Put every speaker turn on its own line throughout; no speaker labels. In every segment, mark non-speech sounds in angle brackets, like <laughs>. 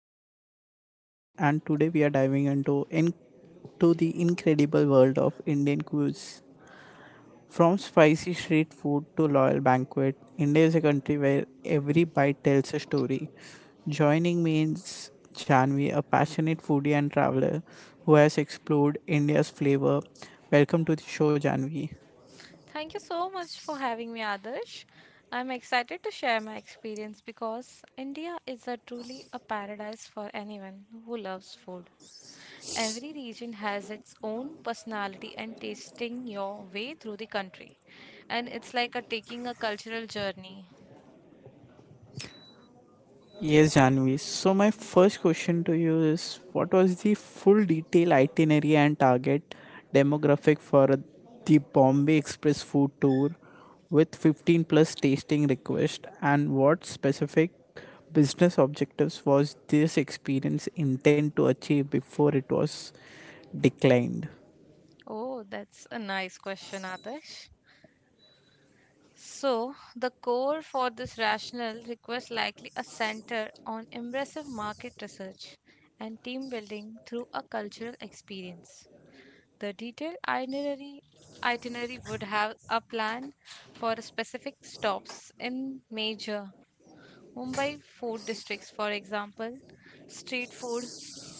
I'm your host Adarsh and today we are diving into in- to the incredible world of Indian cuisine. From spicy street food to loyal banquet, India is a country where every bite tells a story. Joining me is Janvi, a passionate foodie and traveler who has explored India's flavor. Welcome to the show, Janvi.
Thank you so much for having me, Adarsh. I'm excited to share my experience because India is a truly a paradise for anyone who loves food. Every region has its own personality and tasting your way through the country. And it's like a taking a cultural journey.
Yes, Janvi. So, my first question to you is what was the full detail itinerary and target demographic for the Bombay Express food tour with 15 plus tasting request and what specific business objectives was this experience intent to achieve before it was declined?
Oh, that's a nice question, Adarsh. So, the core for this rationale requires likely a center on impressive market research and team building through a cultural experience. The detailed itinerary would have a plan for specific stops in major Mumbai food districts, for example, street food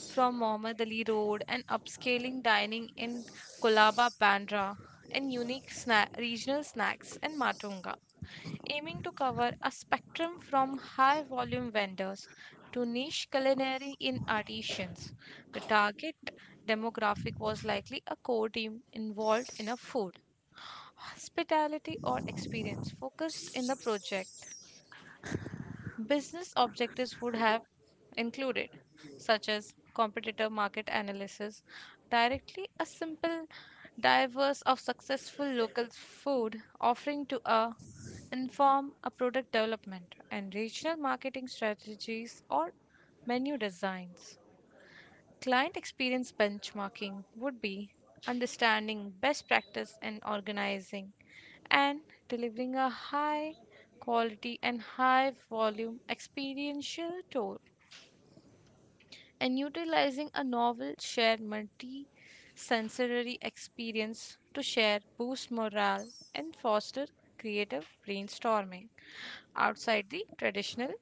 from Mohammad Ali Road and upscaling dining in Kolaba Bandra and unique regional snacks in Matunga, aiming to cover a spectrum from high volume vendors to niche culinary in artisans. The target demographic was likely a core team involved in a food, hospitality, or experience focused in the project. Business objectives would have included, such as competitor market analysis, directly a simple diverse of successful local food offering to a inform a product development and regional marketing strategies or menu designs. Client experience benchmarking would be understanding best practice and organizing and delivering a high quality and high volume experiential tour and utilizing a novel shared multi-sensory experience to share boost morale and foster creative brainstorming outside the traditional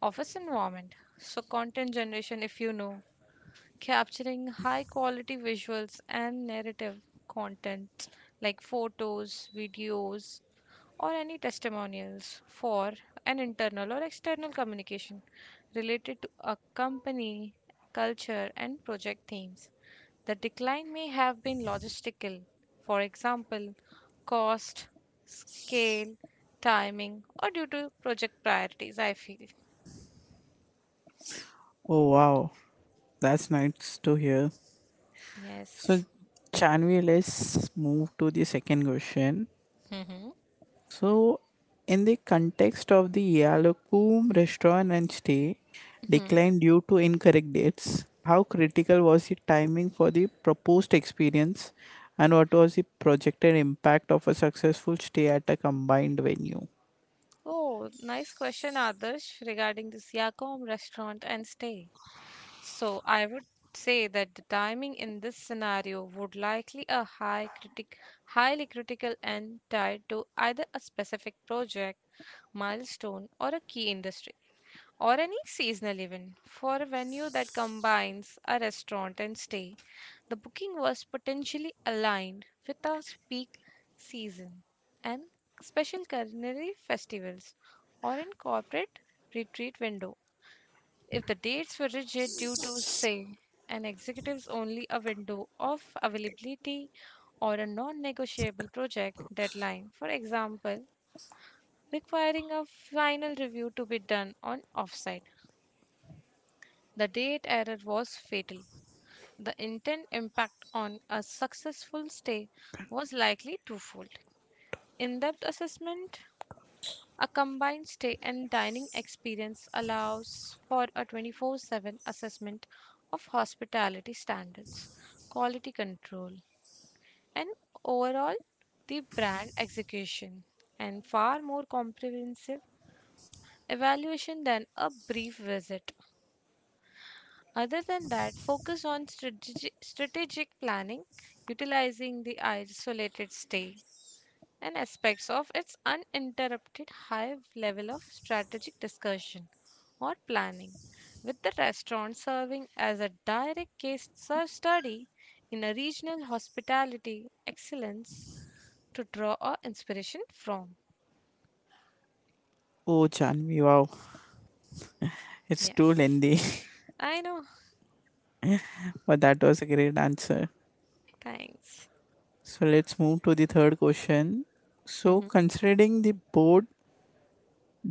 office environment. So, content generation, if you know, capturing high quality visuals and narrative content like photos, videos, or any testimonials for an internal or external communication related to a company, culture, and project themes. The decline may have been logistical, for example, cost, scale, timing, or due to project priorities, I feel.
Oh, wow. That's nice to hear. So,
Yes.
Janvi, let's move to the second question.
hmm
So, in the context of the Yalakum restaurant and stay
hmm
declined due to incorrect dates, how critical was the timing for the proposed experience and what was the projected impact of a successful stay at a combined venue?
Oh, nice question, Adarsh, regarding this Yakom restaurant and stay. So, I would say that the timing in this scenario would likely a high highly critical and tied to either a specific project, milestone, or a key industry, or any seasonal event for a venue that combines a restaurant and stay. The booking was potentially aligned with our peak season and special culinary festivals or in corporate retreat window. If the dates were rigid due to, say, an executive's only a window of availability or a non negotiable project deadline, for example, requiring a final review to be done on offsite, the date error was fatal. The intent impact on a successful stay was likely twofold. In depth assessment, a combined stay and dining experience allows for a 24/7 assessment of hospitality standards, quality control, and overall the brand execution, and far more comprehensive evaluation than a brief visit. Other than that, focus on strategic planning, utilizing the isolated stay and aspects of its uninterrupted high level of strategic discussion or planning, with the restaurant serving as a direct study in a regional hospitality excellence to draw our inspiration from.
Oh, Janvi, wow, it's too
Yes,
lengthy,
I know.
<laughs> but that was a great answer.
Thanks.
So, let's move to the third question. So,
Mhm.
considering the board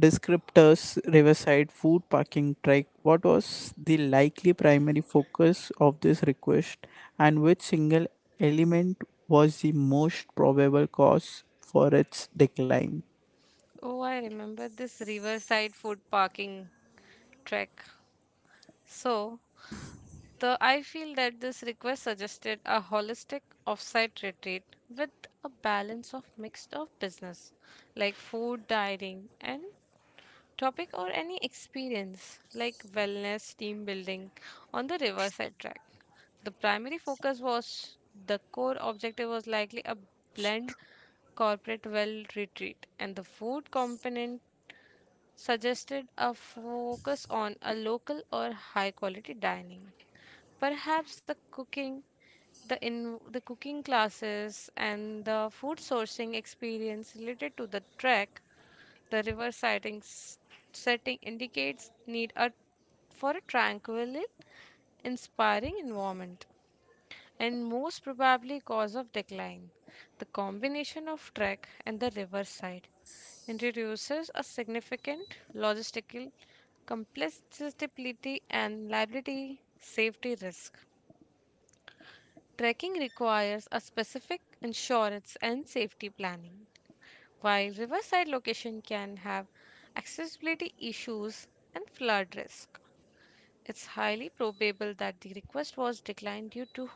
descriptors Riverside Food Parking Trek. What was the likely primary focus of this request, and which single element was the most probable cause for its decline?
Oh, I remember this riverside food parking trek. So, the I feel that this request suggested a holistic offsite retreat with a balance of mixed of business like food, dining, and topic or any experience like wellness, team building on the riverside track. The primary focus was the core objective was likely a blend corporate well retreat, and the food component suggested a focus on a local or high quality dining. Perhaps the cooking, the cooking classes and the food sourcing experience related to the trek, the river setting indicates need a for a tranquil, inspiring environment and most probably cause of decline. The combination of track and the riverside introduces a significant logistical complexity and liability safety risk. Trekking requires a specific insurance and safety planning. While riverside location can have accessibility issues and flood risk. It's highly probable that the request was declined due to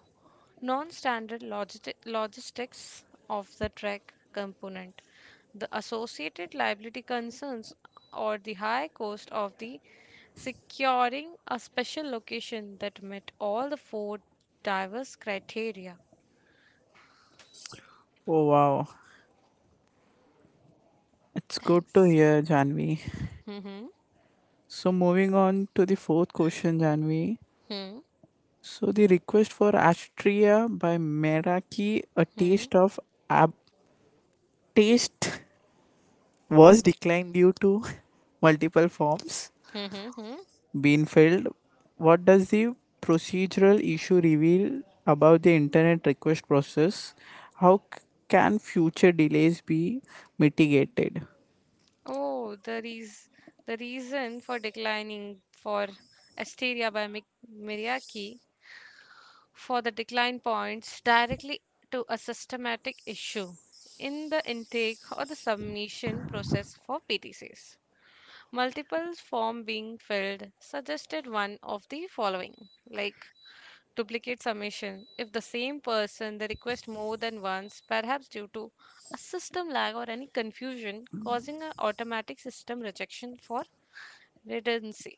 non standard logistics of the trek component, the associated liability concerns, or the high cost of the securing a special location that met all the four diverse criteria.
Oh wow, it's good to
Thanks.
hear, Janvi.
Hmm.
So moving on to the fourth question, Janvi.
Hmm.
So the request for Astria by Meraki, a
Hmm.
taste of ab taste was declined due to <laughs> multiple forms
Hmm. Hmm.
been filled. What does the procedural issue reveal about the internet request process? How can future delays be mitigated?
Oh, the reason for declining for Asteria by Mi- Miriaki for the decline points directly to a systematic issue in the intake or the submission process for PTCs. Multiple form being filled suggested one of the following, like duplicate submission. If the same person they request more than once, perhaps due to a system lag or any confusion causing an automatic system rejection for Retency.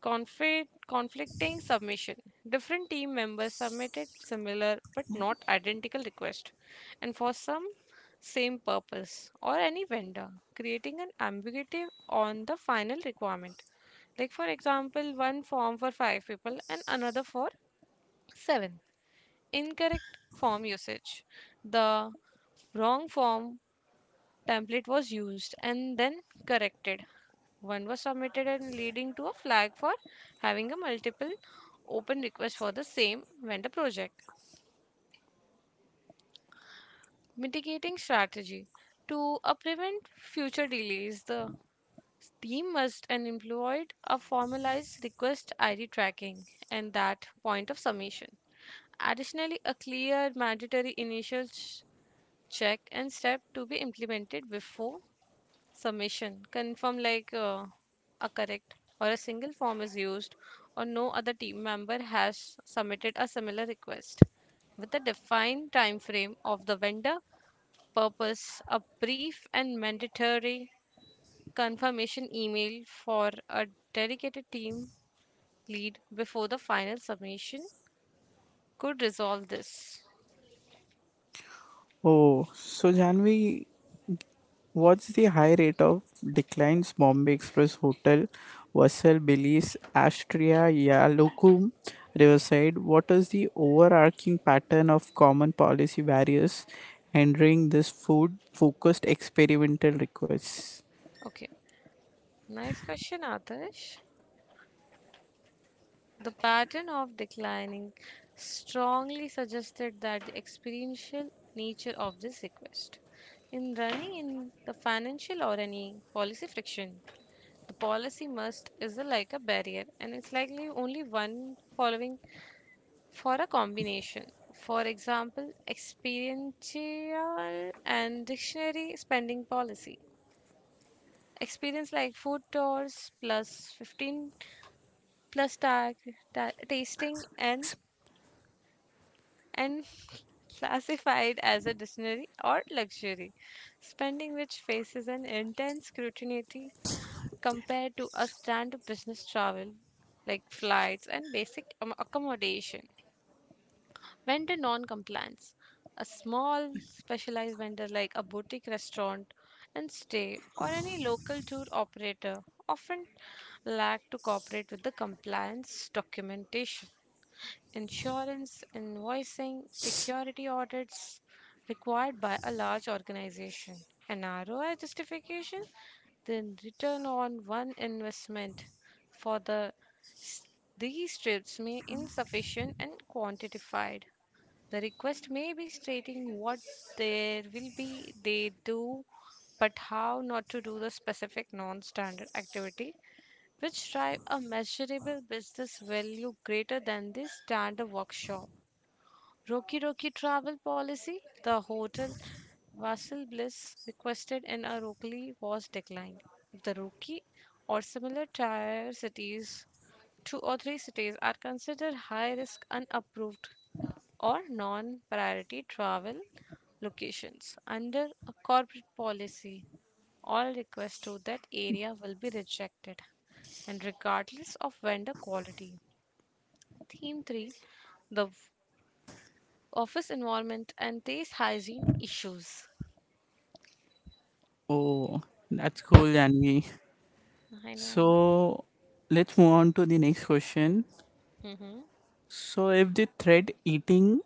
Conflicting submission. Different team members submitted similar but not identical requests, and for some same purpose or any vendor, creating an ambiguity on the final requirement. Like for example, one form for five people and another for seven. Incorrect form usage. The wrong form template was used and then corrected. One was submitted and leading to a flag for having a multiple open request for the same vendor project. Mitigating strategy to prevent future delays, the team must and employed a formalized request ID tracking and that point of submission. Additionally, a clear mandatory initial check and step to be implemented before submission confirm like a correct or a single form is used or no other team member has submitted a similar request. With a defined time frame of the vendor, purpose, a brief and mandatory confirmation email for a dedicated team lead before the final submission could resolve this.
Oh, so Janvi, what's the high rate of declines Bombay Express Hotel, Vassal, Belize, Astria, Yalokum, Riverside? What is the overarching pattern of common policy barriers hindering this food focused experimental requests?
Okay. Nice question, Adarsh. The pattern of declining strongly suggested that the experiential nature of this request. In running in the financial or any policy friction, the policy must is a, like a barrier and it's likely only one following for a combination. For example, experiential and dictionary spending policy. Experience like food tours plus 15 plus tasting and <laughs> classified as a dictionary or luxury, spending which faces an intense scrutiny compared to a standard business travel like flights and basic accommodation. Vendor non compliance. A small specialized vendor like a boutique restaurant and stay or any local tour operator often lack to cooperate with the compliance documentation insurance invoicing, security audits required by a large organization. An ROI justification, the return on one investment for the s- these trips may insufficient and quantified. The request may be stating what there will be they do, but how not to do the specific non-standard activity, which drive a measurable business value greater than the standard workshop. Roki travel policy, the hotel Vassal Bliss requested in Arukli was declined. The Roki or similar tier cities, two or three cities are considered high risk unapproved or non priority travel locations under a corporate policy. All requests to that area will be rejected and regardless of vendor quality. Theme 3. The office environment and taste hygiene issues.
Oh, that's cool, Janvi.
I know.
So let's move on to the next question.
Mm-hmm.
So if the thread eating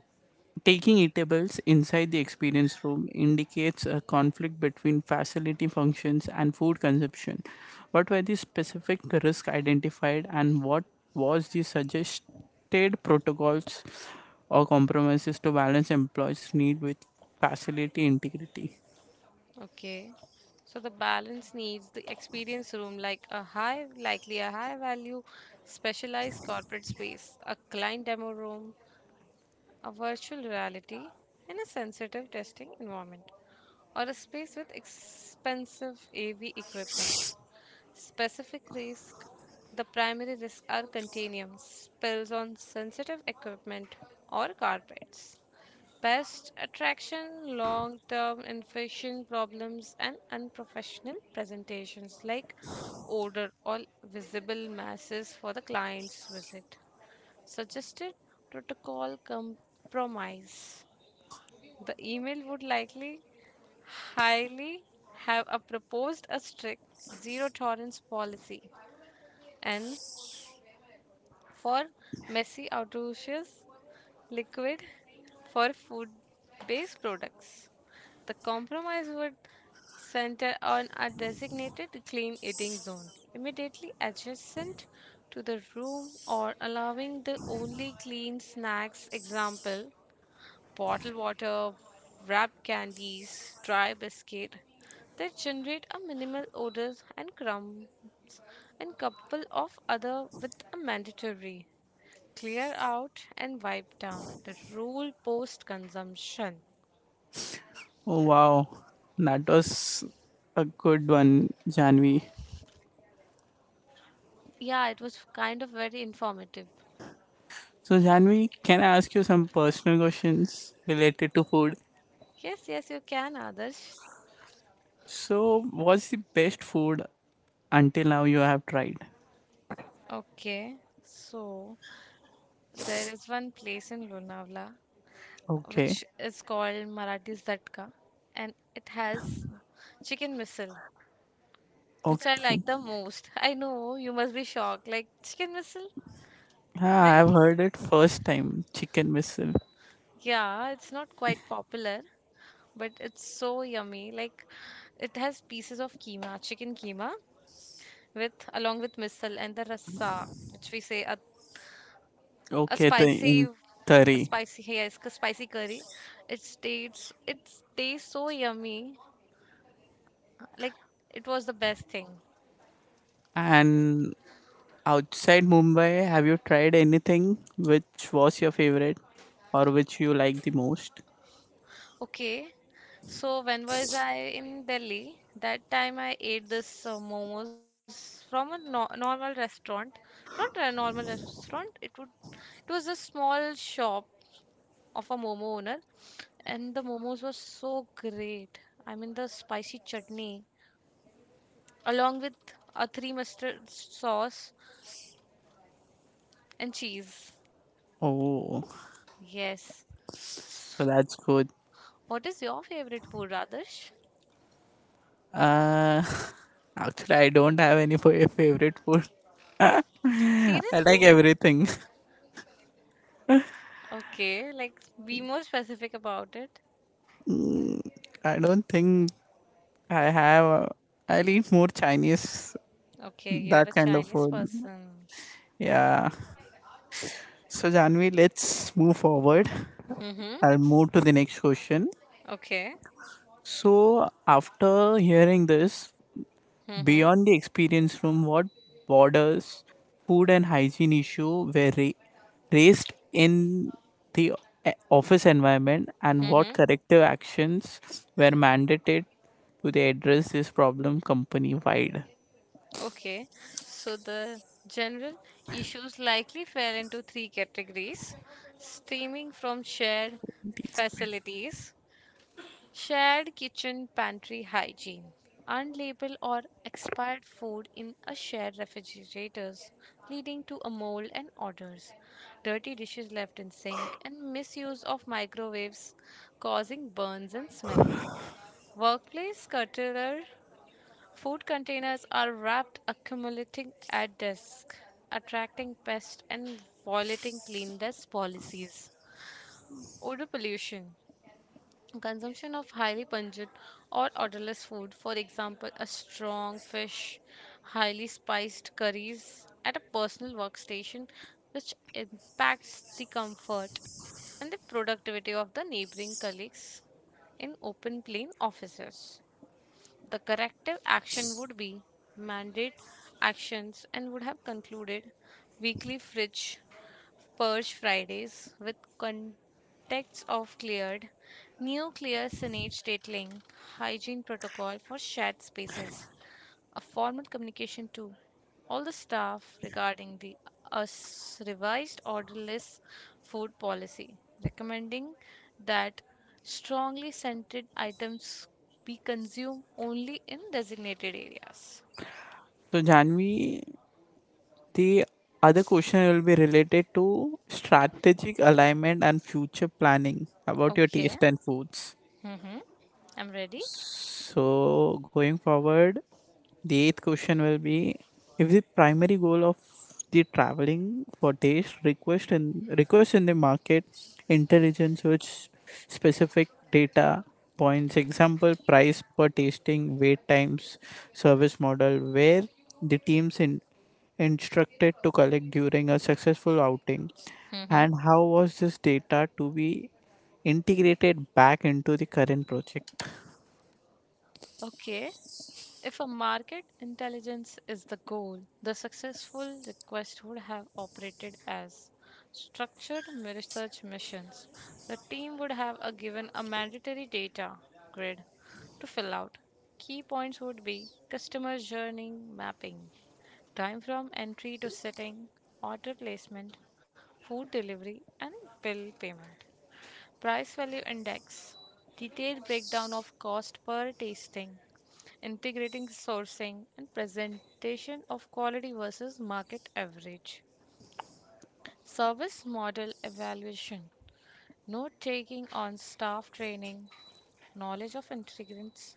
taking eatables inside the experience room indicates a conflict between facility functions and food consumption, what were the specific risks identified and what was the suggested protocols or compromises to balance employees' need with facility integrity?
Okay. So the balance needs the experience room like a likely a high value, specialized corporate space, a client demo room, a virtual reality in a sensitive testing environment, or a space with expensive AV equipment. Specific risk the primary risks are continuum spills on sensitive equipment or carpets. Pest attraction, long term infection problems, and unprofessional presentations like odor or visible masses for the client's visit. Suggested protocol compromise. The email would likely highly have a proposed a strict zero tolerance policy and for messy outdoors liquid for food based products. The compromise would center on a designated clean eating zone immediately adjacent to the room or allowing the only clean snacks example bottled water wrapped candies dry biscuit that generate a minimal odor and crumbs and couple of other with a mandatory clear out and wipe down the rule post consumption.
Oh wow, that was a good one, Janvi.
Yeah, it was kind of very informative.
So Janvi, can I ask you some personal questions related to food?
Yes, yes, you can, Adarsh.
So, what's the best food until now you have tried?
Okay, so there is one place in Lonavala
Okay,
which is called Marathi Zatka and it has chicken missile, which I
okay.
like the most. <laughs> I know you must be shocked, like chicken missile,
Ah,
right?
I've heard it first time. Chicken whistle.
Yeah, it's not quite popular, but it's so yummy. Like it has pieces of keema, chicken keema, with along with misal and the rasa, which we say a
Okay, the in
a
curry.
spicy yes, a spicy curry. It tastes so yummy. Like it was the best thing.
And outside Mumbai, have you tried anything which was your favorite or which you like the most?
Okay, so when was I in Delhi? That time I ate this momos from a normal restaurant, not a normal restaurant. It was a small shop of a momo owner and the momos were so great. I mean the spicy chutney along with a three mustard sauce and cheese.
Oh,
Yes.
so
S-
that's good.
what is your favorite food, radesh?
Uh, Actually, I don't have any favorite food. <laughs> I
Seriously.
like everything.
Okay, like be more specific about it.
I don't think I have. I'll eat more Chinese,
Okay, you are
that
a
kind of
chinese
food.
person.
Yeah. So, Janvi, let's move forward.
Mhm.
I'll move to the next question.
Okay.
So, after hearing this,
Mhm.
beyond the experience room, what borders, food, and hygiene issue were raised in the office environment, and what
Mhm.
corrective actions were mandated to they address this problem company wide?
Okay, so the general issues likely fell into three categories, steaming from shared facilities, shared kitchen pantry hygiene, unlabeled or expired food in a shared refrigerators, leading to a mold and odors, dirty dishes left in sink, and misuse of microwaves causing burns and smell. Workplace clutter. Food containers are wrapped, accumulating at desks, attracting pests and violating clean desk policies. Odor pollution. Consumption of highly pungent or odorless food, for example, a strong fish, highly spiced curries, at a personal workstation, which impacts the comfort and the productivity of the neighboring colleagues in open plan offices. The corrective action would be mandate actions and would have concluded weekly fridge Purge Fridays with contexts of cleared, nuclear signage detailing hygiene protocol for shared spaces, a formal communication to all the staff regarding the us revised orderless food policy, recommending that strongly scented items be consumed only in designated areas.
So, Janvi, the other question will be related to strategic alignment and future planning about your
Okay.
taste and foods.
Mm-hmm. I'm ready.
So, going forward, the eighth question will be if the primary goal of the traveling for taste request and request in the market intelligence which specific data points example price per tasting wait times service model where the instructed to collect during a successful outing
Mm-hmm.
and how was this data to be integrated back into the current project.
Okay. If a market intelligence is the goal, the successful request would have operated as structured research missions. The team would have a given a mandatory data grid to fill out. Key points would be customer journey mapping, time from entry to setting, order placement, food delivery, and bill payment. Price Value Index, detailed breakdown of cost per tasting, integrating sourcing, and presentation of quality versus market average. Service Model Evaluation, note taking on staff training, knowledge of integrants,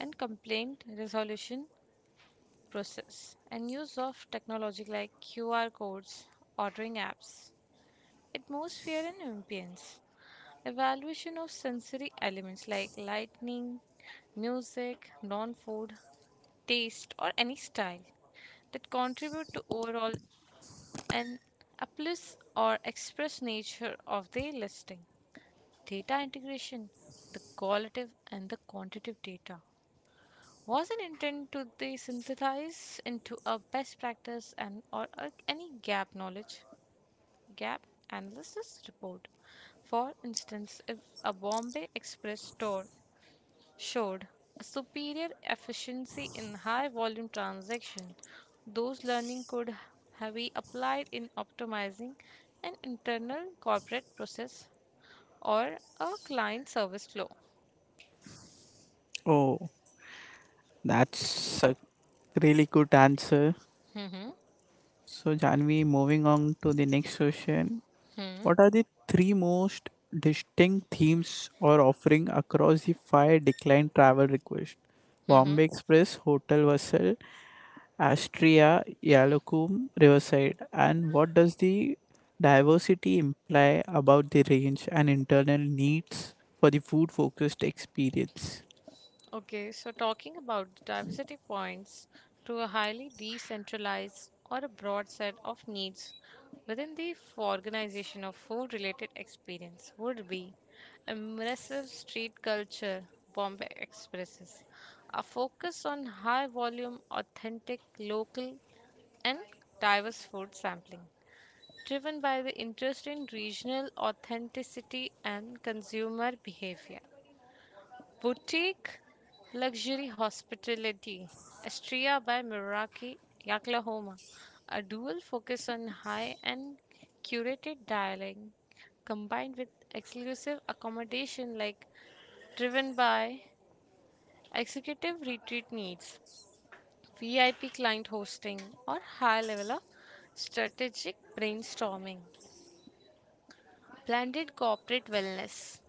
and complaint resolution process, and use of technology like QR codes, ordering apps, atmosphere, and ambience. Evaluation of sensory elements like lighting, music, non food, taste, or any style that contribute to overall and uplift or express nature of the listing. Data integration, the qualitative and the quantitative data wasn't intent to they synthesize into a best practice and or any gap knowledge gap analysis report. For instance, if a Bombay Express store showed a superior efficiency in high volume transaction, those learning could have be applied in optimizing an internal corporate process or a client service flow.
Oh, that's a really good answer.
Mhm,
So, Janvi, moving on to the next question.
mhm,
What are the three most distinct themes or offering across the five declined travel requests?
mhm.
Bombay Express, Hotel Vessel, Astria, Yalakum, Riverside. And what does the diversity imply about the range and internal needs for the food focused experience?
Okay, so talking about diversity points to a highly decentralized or a broad set of needs within the organization of food related experience would be immersive street culture Bombay Expresses, a focus on high volume, authentic, local, and diverse food sampling, driven by the interest in regional authenticity and consumer behavior. Boutique Luxury Hospitality, Astria by Meraki, Oklahoma. A dual focus on high and curated dining combined with exclusive accommodation like driven by executive retreat needs, VIP client hosting, or high level of strategic brainstorming. Blended corporate wellness.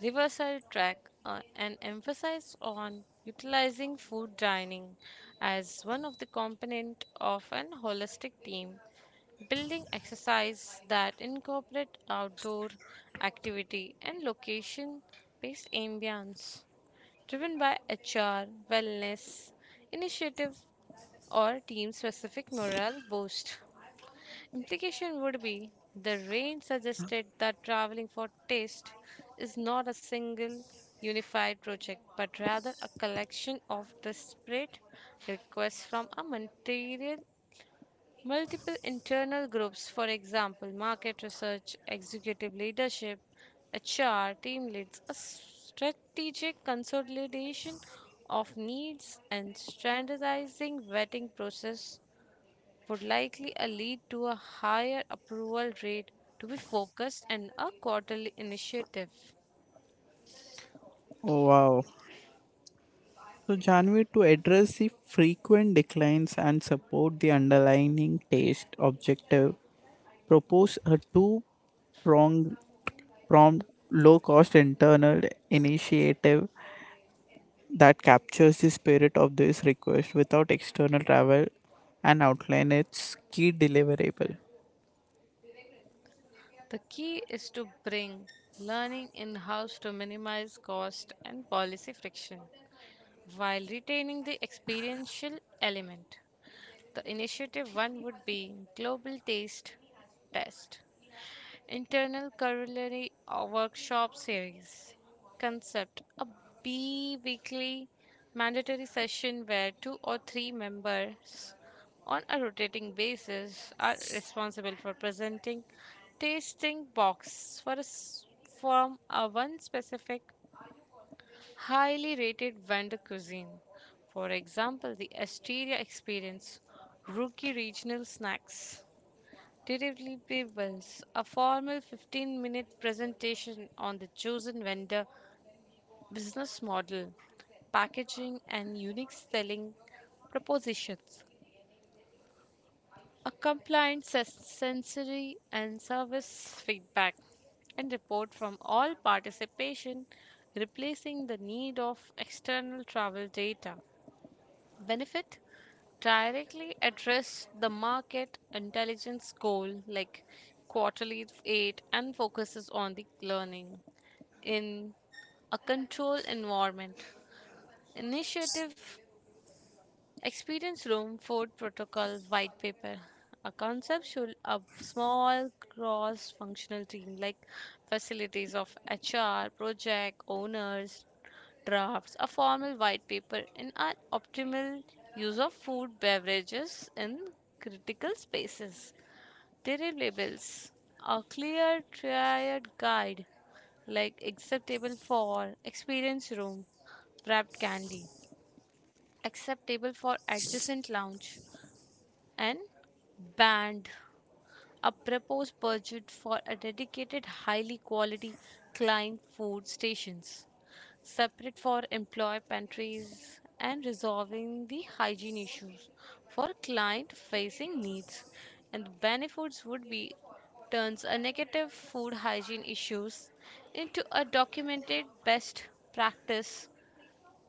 Riverside Track, and emphasized on utilizing food dining as one of the component of an holistic team building exercise that incorporate outdoor activity and location-based ambience, driven by HR, wellness initiative, or team-specific morale boost. Implication would be the range suggested that traveling for taste is not a single unified project but rather a collection of disparate requests from a material multiple internal groups, for example market research, executive leadership, hr team leads. A strategic consolidation of needs and standardizing vetting process would likely lead to a higher approval rate to be focused and a quarterly initiative.
Oh, wow. So, Janvi, to address the frequent declines and support the underlying taste objective, propose a two pronged prompt low cost internal initiative that captures the spirit of this request without external travel and outline its key deliverable.
The key is to bring learning in house to minimize cost and policy friction while retaining the experiential element. The initiative one would be Global Taste Test Internal Corollary Workshop Series Concept, a bi weekly mandatory session where two or three members on a rotating basis are responsible for presenting tasting box for from a one specific highly rated vendor cuisine. For example, the Asteria Experience, Rookie Regional Snacks. Derivatively Payables, a formal 15-minute presentation on the chosen vendor business model, packaging, and unique selling propositions. A compliant sensory and service feedback and report from all participation, replacing the need of external travel data benefit directly address the market intelligence goal like quarterly aid and focuses on the learning in a controlled environment. Initiative Experience Room Food Protocol White Paper, a conceptual of small cross functional team like facilities of HR, project owners, drafts, a formal white paper, and an optimal use of food beverages in critical spaces. Deliverables, a clear triad guide like acceptable for experience room wrapped candy, acceptable for adjacent lounge and band, a proposed budget for a dedicated highly quality client food stations separate for employee pantries and resolving the hygiene issues for client facing needs, and the benefits would be turns a negative food hygiene issues into a documented best practice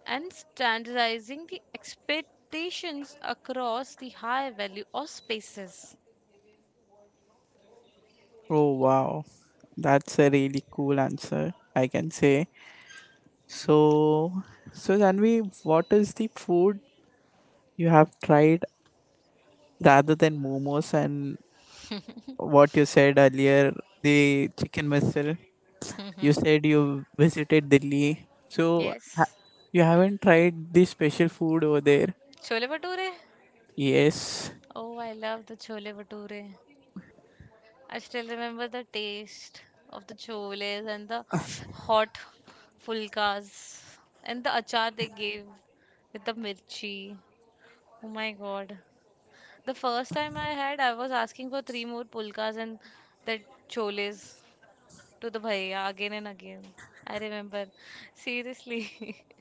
and standardizing the expectations across the high value of spaces.
Oh, wow. That's a really cool answer, I can say. So, so Janvi, what is the food you have tried rather than momos and what you said earlier, the chicken missile? You
Hmm.
said you visited Delhi,
Yes.
you haven't tried the special food over there?
Chole Bhature?
Yes.
Oh, I love the chole bhature. I still remember the taste of the choles and the hot fulkas and the achar they gave with the mirchi. Oh my god. The first time I had, I was asking for three more pulkas and that choles, to the bhaiya again and again. I remember. Seriously. <laughs>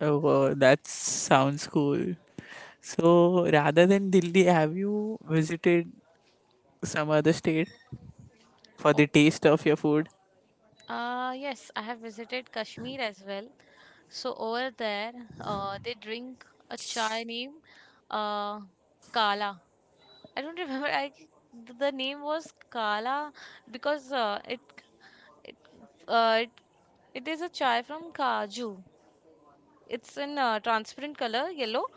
Oh, wow, that sounds cool. So rather than Delhi, have you visited some other state for the
Okay.
taste of your food?
Yes, I have visited Kashmir as well. So over there, they drink a chai named uh, Kala. I don't <laughs> remember. I The name was Kala, because it uh, it it is a chai from Kaju. It's in transparent color, yellow,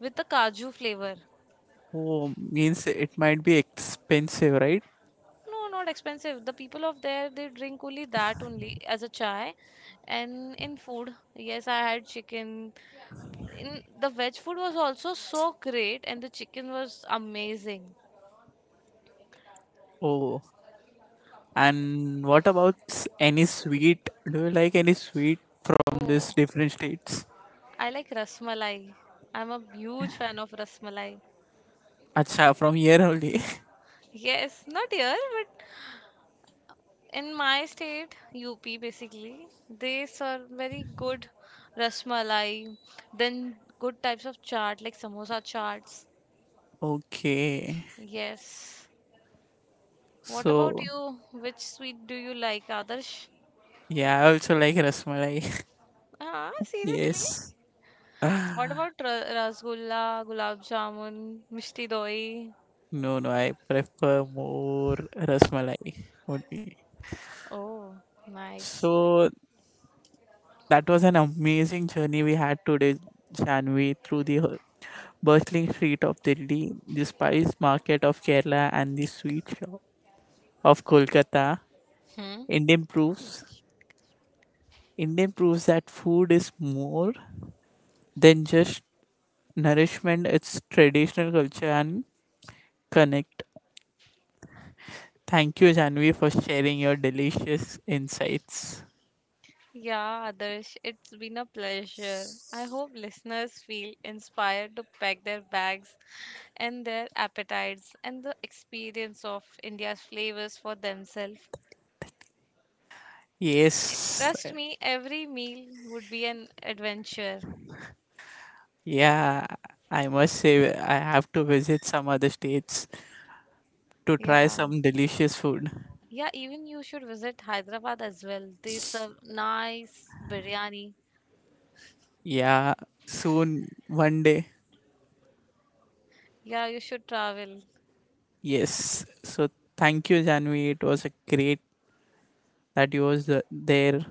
with the Kaju flavor.
Oh, means it might be expensive, right?
No, not expensive. The people of there they drink only that only as a chai, and in food, yes, I had chicken. In the veg food was also so great, and the chicken was amazing.
Oh, and what about any sweet? Do you like any sweet from these
Oh,
different states?
I like rasmalai. I'm a huge fan of rasmalai.
Acha, from here only. <laughs>
Yes, not here, but in my state, UP basically, they serve very good rasmalai, then good types of chaat like samosa chaats.
Okay.
Yes. What about
So,
you? Which sweet do you like, Adarsh?
yeah, I also like rasmalai. <laughs>
Ah, seriously?
Yes.
What about rasgulla, gulab jamun, mishti doi?
No, no, I prefer more rasmalai only.
Oh, nice.
So, that was an amazing journey we had today, Janvi, through the whole bustling street of Delhi, the spice market of Kerala, and the sweet shop of Kolkata.
Hmm.
Indian proofs Indian proves that food is more than just nourishment, it's traditional culture and connect. Thank you, Janvi, for sharing your delicious insights.
Yeah, Adarsh, it's been a pleasure. I hope listeners feel inspired to pack their bags and their appetites and the experience of India's flavors for themselves. And
Yes,
trust me, every meal would be an adventure.
yeah, I must say, I have to visit some other states to try
Yeah.
some delicious food.
Yeah, even you should visit Hyderabad as well. They serve nice biryani.
Yeah, soon, one day.
Yeah, you should travel.
Yes, so thank you, Janvi. It was a great that you was there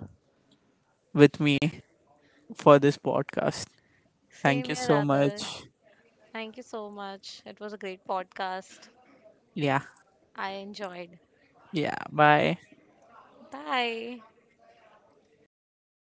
with me for this podcast. Thank
Same
you
here,
so
Adarsh.
much.
Thank you so much. It was a great podcast.
Yeah.
I enjoyed.
Yeah. Bye.
Bye.